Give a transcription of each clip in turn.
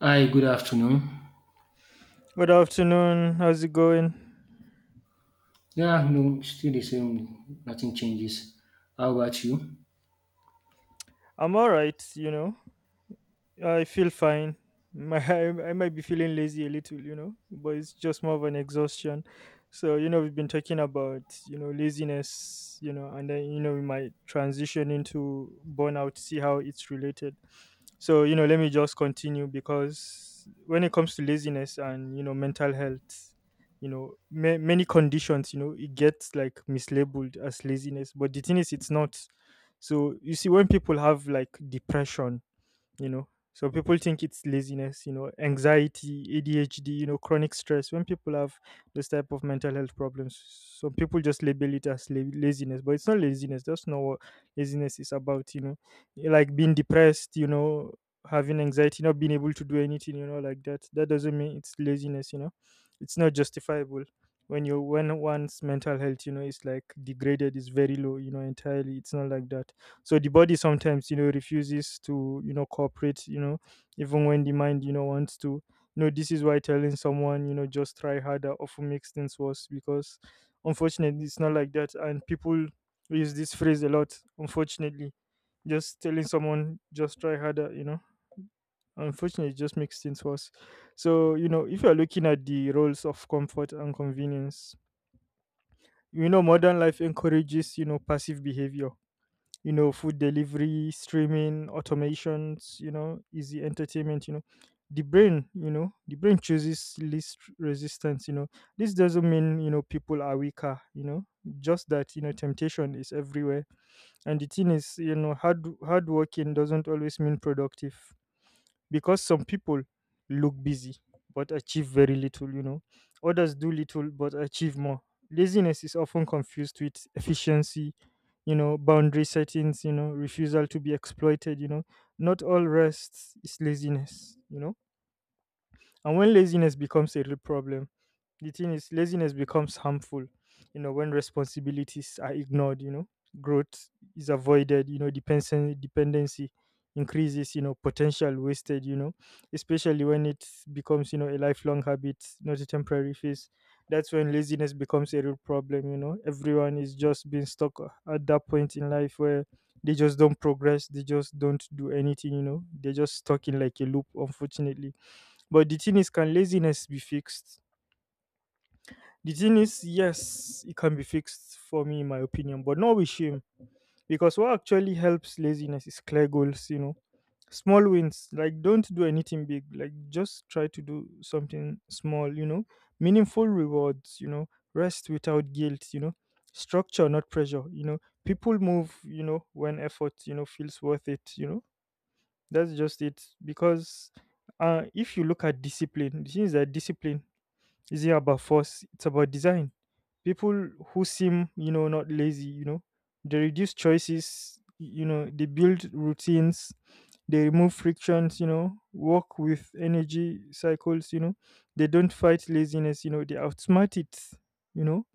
Hi, good afternoon. Good afternoon. How's it going? Yeah, no, still the same. Nothing changes. How about you? I'm all right. I feel fine. I might be feeling lazy a little, but it's just more of an exhaustion. So, we've been talking about laziness, and then we might transition into burnout, see how it's related. So, let me just continue because when it comes to laziness and mental health, many conditions, it gets like mislabeled as laziness, but the thing is, it's not. So, you see, when people have like depression, you know so people think it's laziness, anxiety, adhd, chronic stress when people have this type of mental health problems. Some people just label it as laziness, but it's not laziness. That's not what laziness is about. Like being depressed, having anxiety, not being able to do anything, like that, that doesn't mean it's laziness. It's not justifiable when you, when one's mental health is like degraded, is very low entirely. It's not like that. So the body sometimes refuses to cooperate, even when the mind wants to. This is why telling someone just try harder often makes things worse because, unfortunately, it's not like that, and people use this phrase a lot. Unfortunately, just telling someone just try harder, unfortunately, it just makes things worse. So if you're looking at the roles of comfort and convenience, modern life encourages passive behavior, food delivery, streaming, automations, easy entertainment. The brain, the brain chooses least resistance. This doesn't mean people are weaker, just that temptation is everywhere. And the thing is, hard working doesn't always mean productive because some people look busy but achieve very little. Others do little but achieve more. Laziness is often confused with efficiency, boundary settings, refusal to be exploited. Not all rest is laziness. And when laziness becomes a real problem, the thing is laziness becomes harmful when responsibilities are ignored, growth is avoided, dependency increases, potential wasted, especially when it becomes a lifelong habit, not a temporary phase. That's when laziness becomes a real problem. Everyone is just being stuck at that point in life where they just don't progress, they just don't do anything. They're just stuck in like a loop, unfortunately. But the thing is, can laziness be fixed? The thing is, yes, it can be fixed for me, in my opinion, but not with shame. Because what actually helps laziness is clear goals. Small wins, like don't do anything big, like just try to do something small. Meaningful rewards. Rest without guilt. Structure, not pressure. People move when effort feels worth it. That's just it. Because if you look at discipline, the thing is that discipline isn't about force, it's about design. People who seem not lazy, they reduce choices, they build routines, they remove frictions, work with energy cycles. They don't fight laziness, they outsmart it you know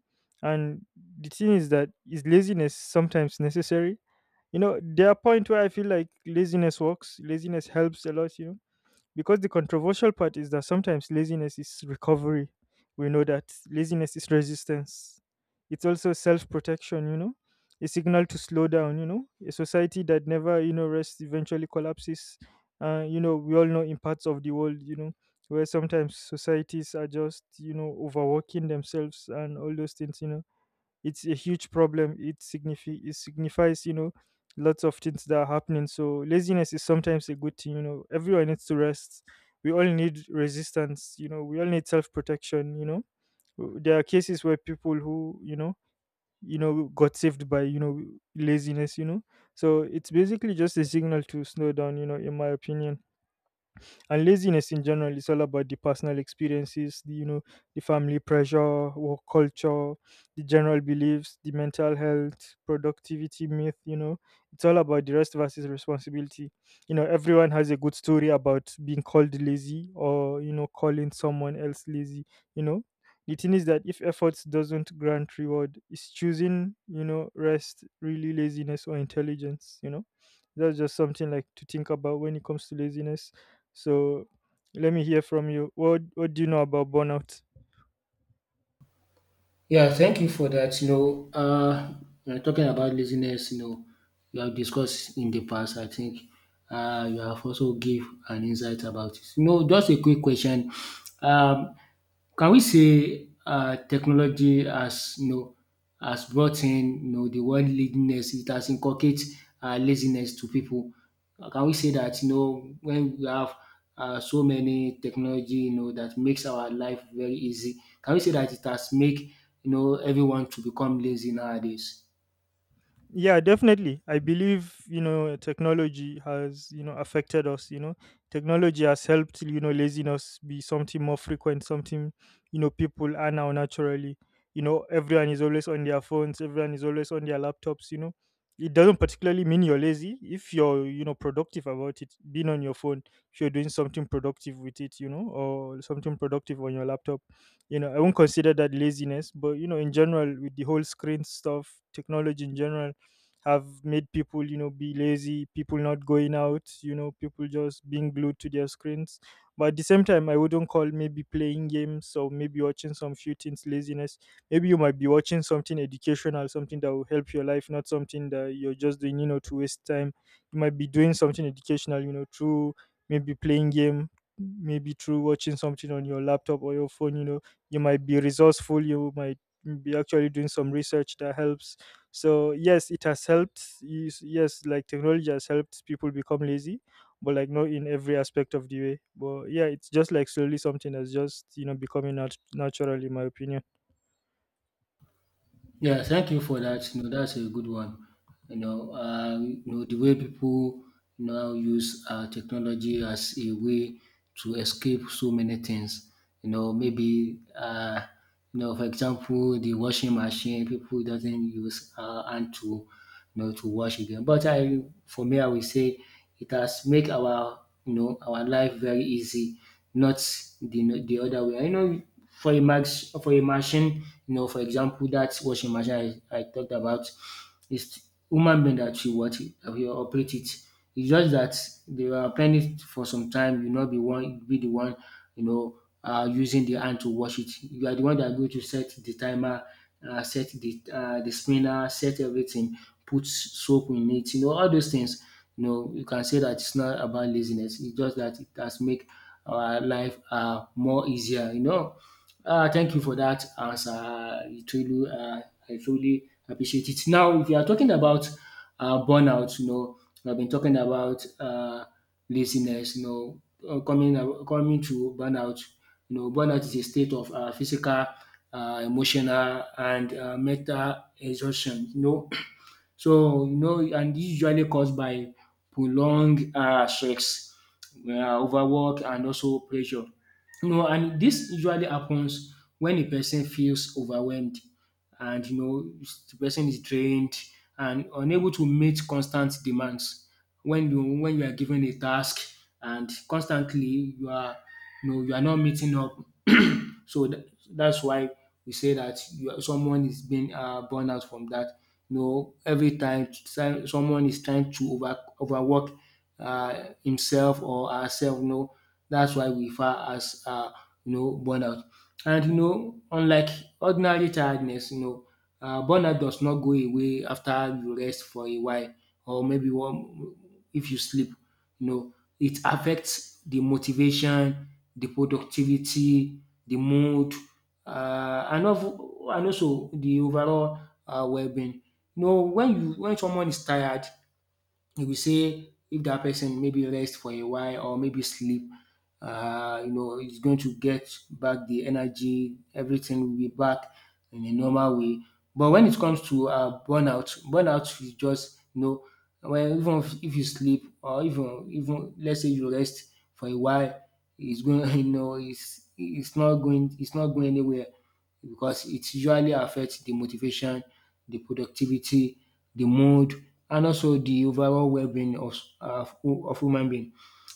and The thing is that, is laziness sometimes necessary? There are point where I feel like laziness works, laziness helps a lot, because the controversial part is that sometimes laziness is recovery. We know that laziness is resistance. It's also self protection, a signal to slow down. A society that never rests eventually collapses. We all know in parts of the world, where sometimes societies are just overworking themselves and all those things. It's a huge problem. It it signifies, lots of things that are happening. So laziness is sometimes a good thing. Everyone needs to rest. We all need resistance. We all need self-protection. There are cases where people who got saved by laziness. So it's basically just a signal to slow down, in my opinion. And laziness in general is all about the personal experiences, the the family pressure, work culture, the general beliefs, the mental health, productivity myth. It's all about the rest versus responsibility. Everyone has a good story about being called lazy or calling someone else lazy, you know. The thing is that if efforts doesn't grant reward, is choosing rest really laziness or intelligence? That's just something like to think about when it comes to laziness. So, let me hear from you. What do you know about burnout? Yeah, thank you for that. You know, we're talking about laziness. You know, you have discussed in the past. I think you have also give an insight about it. You know, just a quick question. Um, can we say technology has you know has brought in you know the word laziness it has inculcate laziness to people. Can we say that you know when we have so many technology you know that makes our life very easy? Can we say that it has make you know everyone to become lazy nowadays? Yeah, definitely, I believe technology has affected us. Technology has helped laziness be something more frequent, something people are now naturally. Everyone is always on their phones, everyone is always on their laptops. It doesn't particularly mean you're lazy if you're productive about it being on your phone, if you're doing something productive with it, or something productive on your laptop. I won't consider that laziness, but in general with the whole screen stuff, technology in general have made people be lazy, people not going out, people just being glued to their screens. But at the same time, I wouldn't call maybe playing games or maybe watching some few things laziness. Maybe you might be watching something educational, something that will help your life, not something that you're just doing to waste time. You might be doing something educational, through maybe playing game, maybe through watching something on your laptop or your phone. You might be resourceful, you might be actually doing some research that helps. So yes, it has helped. Yes, yes, like technology has helped people become lazy, but like not in every aspect of the way. But yeah, it's just like slowly something that's just becoming natural, in my opinion. Yeah, thank you for that. You know, that's a good one. You know the way people now use technology as a way to escape so many things. You know, maybe you know, for example, the washing machine. People doesn't use hand to you know to wash again. But for me, I will say it has make our you know our life very easy, not the other way. I know for a max for a machine, you know, for example, that washing machine I talked about, it's human being that will what it, will operate it. It's just that they were planning it for some time. You not be one, be the one, you know, using the hand to wash it. You are the one that going to set the timer, set the spinner, set everything, put soap in it. You know, all those things. You know, you can say that it's not about laziness. It's just that it has make our life more easier. You know, thank you for that answer. I truly appreciate it. Now, if you are talking about burnout, you know, I've been talking about laziness, you know, coming to burnout. You know, burnout is a state of physical, emotional, and mental exhaustion. You know, so, you know, and usually caused by prolonged stress, overwork, and also pressure. No, and this usually happens when a person feels overwhelmed and you know the person is drained and unable to meet constant demands. When you are given a task and constantly you are you know you are not meeting up. so tha- that's why we say that you are, someone is being burned out from that. You know, every time someone is trying to overwork himself or herself. No, that's why we refer as you know burnout. And you know, unlike ordinary tiredness, you know, burnout does not go away after you rest for a while or maybe one if you sleep. You know, it affects the motivation, the productivity, the mood, and also the overall well-being. You know, when you when someone is tired, you will say if that person maybe rest for a while or maybe sleep, you know, he's going to get back the energy, everything will be back in a normal way. But when it comes to burnout, burnout is just, you know, when even if you sleep or even let's say you rest for a while, it's going, you know, it's not going, it's not going anywhere because it usually affects the motivation, the productivity, the mood, and also the overall well-being uh, of human being.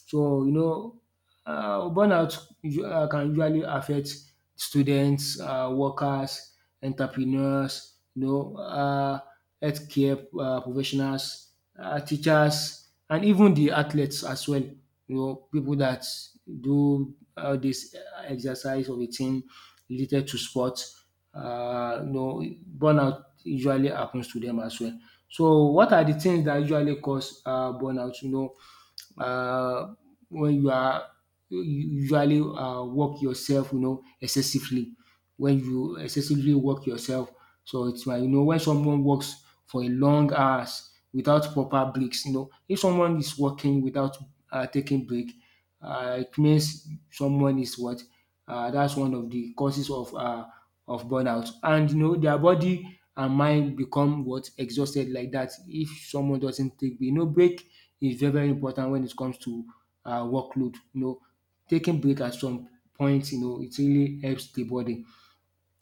So you know, burnout can usually affect students, workers, entrepreneurs, you know, healthcare professionals, teachers, and even the athletes as well. You know, people that do all this exercise or routine related to sports, you know, burnout usually happens to them as well. So what are the things that usually cause burnout? You know, uh, when you are you usually work yourself, you know, excessively. When you excessively work yourself, so it's why you know when someone works for a long hours without proper breaks, you know, if someone is working without taking break, it means someone is what that's one of the causes of burnout and you know their body and mind become what exhausted like that if someone doesn't take break you know break is very very important when it comes to workload. You know, taking break at some point, you know, it really helps the body.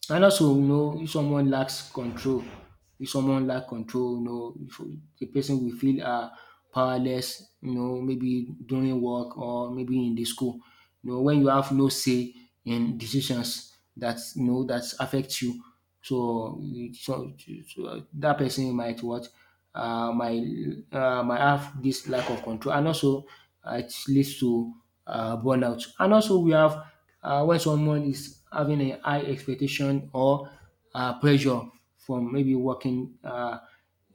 And also, you know, if someone lack control, you know, if the person will feel powerless, you know, maybe during work or maybe in the school. You know, when you have no say in decisions that you know that affect you, so, um, so, that person might what uh, might might have this lack of control, and also it leads to burnout. And also we have when someone is having a high expectation or pressure from maybe working. Uh,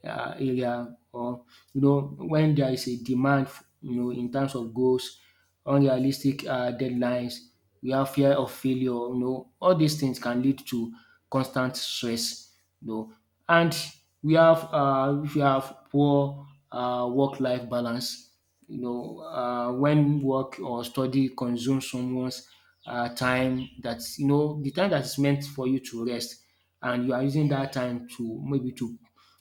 uh, Area or you know when there is a demand you know in terms of goals, unrealistic deadlines, we have fear of failure, you know, all these things can lead to constant stress, you know. And we have if you have poor work-life balance, you know, when work or study consumes someone's time that's you know the time that is meant for you to rest and you are using that time to maybe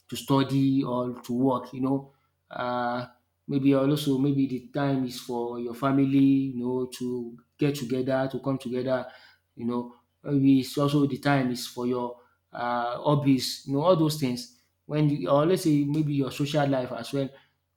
to study or to work, you know. Uh, maybe also maybe the time is for your family, you know, to get together, to come together, you know. Maybe it's also the time is for your hobbies, you know, all those things. When you, or let's say maybe your social life as well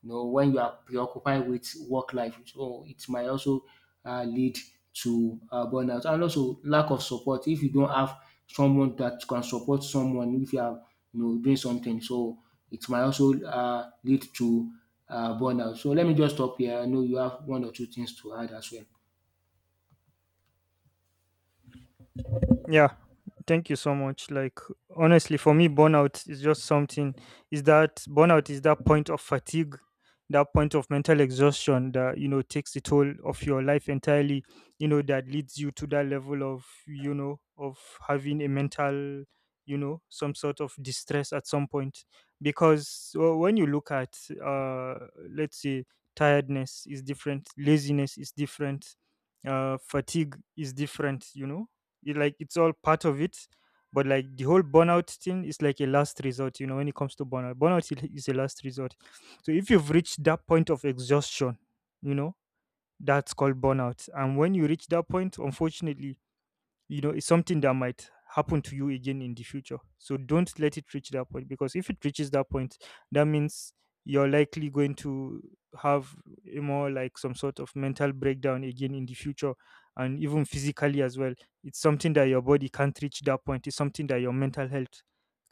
you know, when you are preoccupied with work life. So it might also lead to burnout and also lack of support. If you don't have someone that can support someone, if you are you know doing something, so it might also lead to burnout. So let me just stop here. I know you have one or two things to add as well. Yeah, thank you so much. Like honestly, for me, burnout is just something. Is that burnout is that point of fatigue, that point of mental exhaustion that takes the toll of your life entirely. You know that leads you to that level of of having a mental, some sort of distress at some point. Because when you look at, uh, let's say, tiredness is different, laziness is different, fatigue is different. It, like it's all part of it, but like the whole burnout thing is like a last resort. When it comes to burnout, burnout is a last resort. So if you've reached that point of exhaustion you know that's called burnout. And when you reach that point, unfortunately, it's something that might happen to you again in the future, so don't let it reach that point, because if it reaches that point, that means you're likely going to have a more like some sort of mental breakdown again in the future, and even physically as well. It's something that your body can't reach that point, it's something that your mental health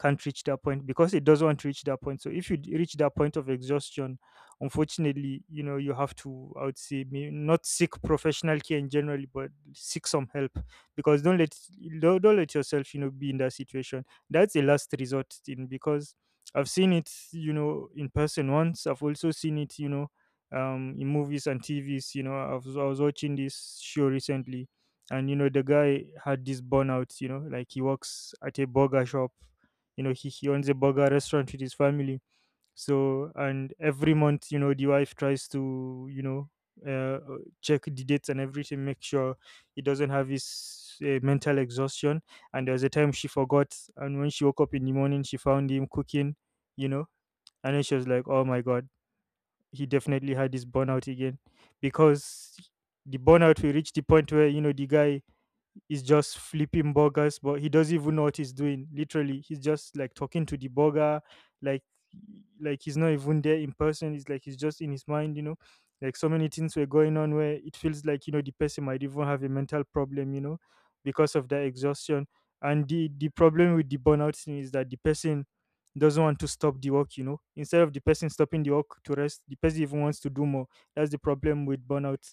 can't reach that point, because it doesn't want to reach that point. So if you reach that point of exhaustion, unfortunately, you have to, I would say, not seek professional care in general, but seek some help. Because don't let, don't let yourself be in that situation. That's a last resort thing, because I've seen it in person once. I've also seen it, in movies and tvs. I was watching this show recently, and the guy had this burnout. Like he works at a burger shop. He owns a burger restaurant with his family. So, and every month, the wife tries to check the dates and everything, make sure he doesn't have his mental exhaustion. And there was a time she forgot, and when she woke up in the morning, she found him cooking you know and then she was like, oh my God, he definitely had his burnout again. Because the burnout will reach the point where the guy is just flipping burgers, but he doesn't even know what he's doing. Literally, he's just like talking to the burger, like like he's not even there in person. It's like he's just in his mind. Like so many things were going on, where it feels like the person might even have a mental problem, because of that exhaustion. And the problem with the burnout thing is that the person doesn't want to stop the work. Instead of the person stopping the work to rest, the person even wants to do more. That's the problem with burnout.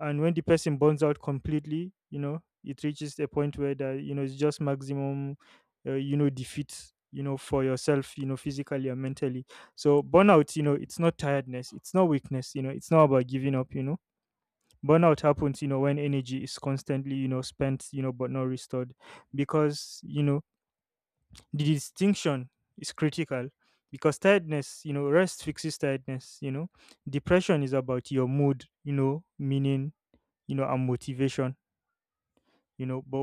And when the person burns out completely, it reaches a point where that it's just maximum defeat for yourself, physically and mentally. So burnout, it's not tiredness, it's not weakness, it's not about giving up. Burnout happens when energy is constantly spent, but not restored. Because the distinction is critical. Because tiredness, rest fixes tiredness. Depression is about your mood, meaning and motivation. But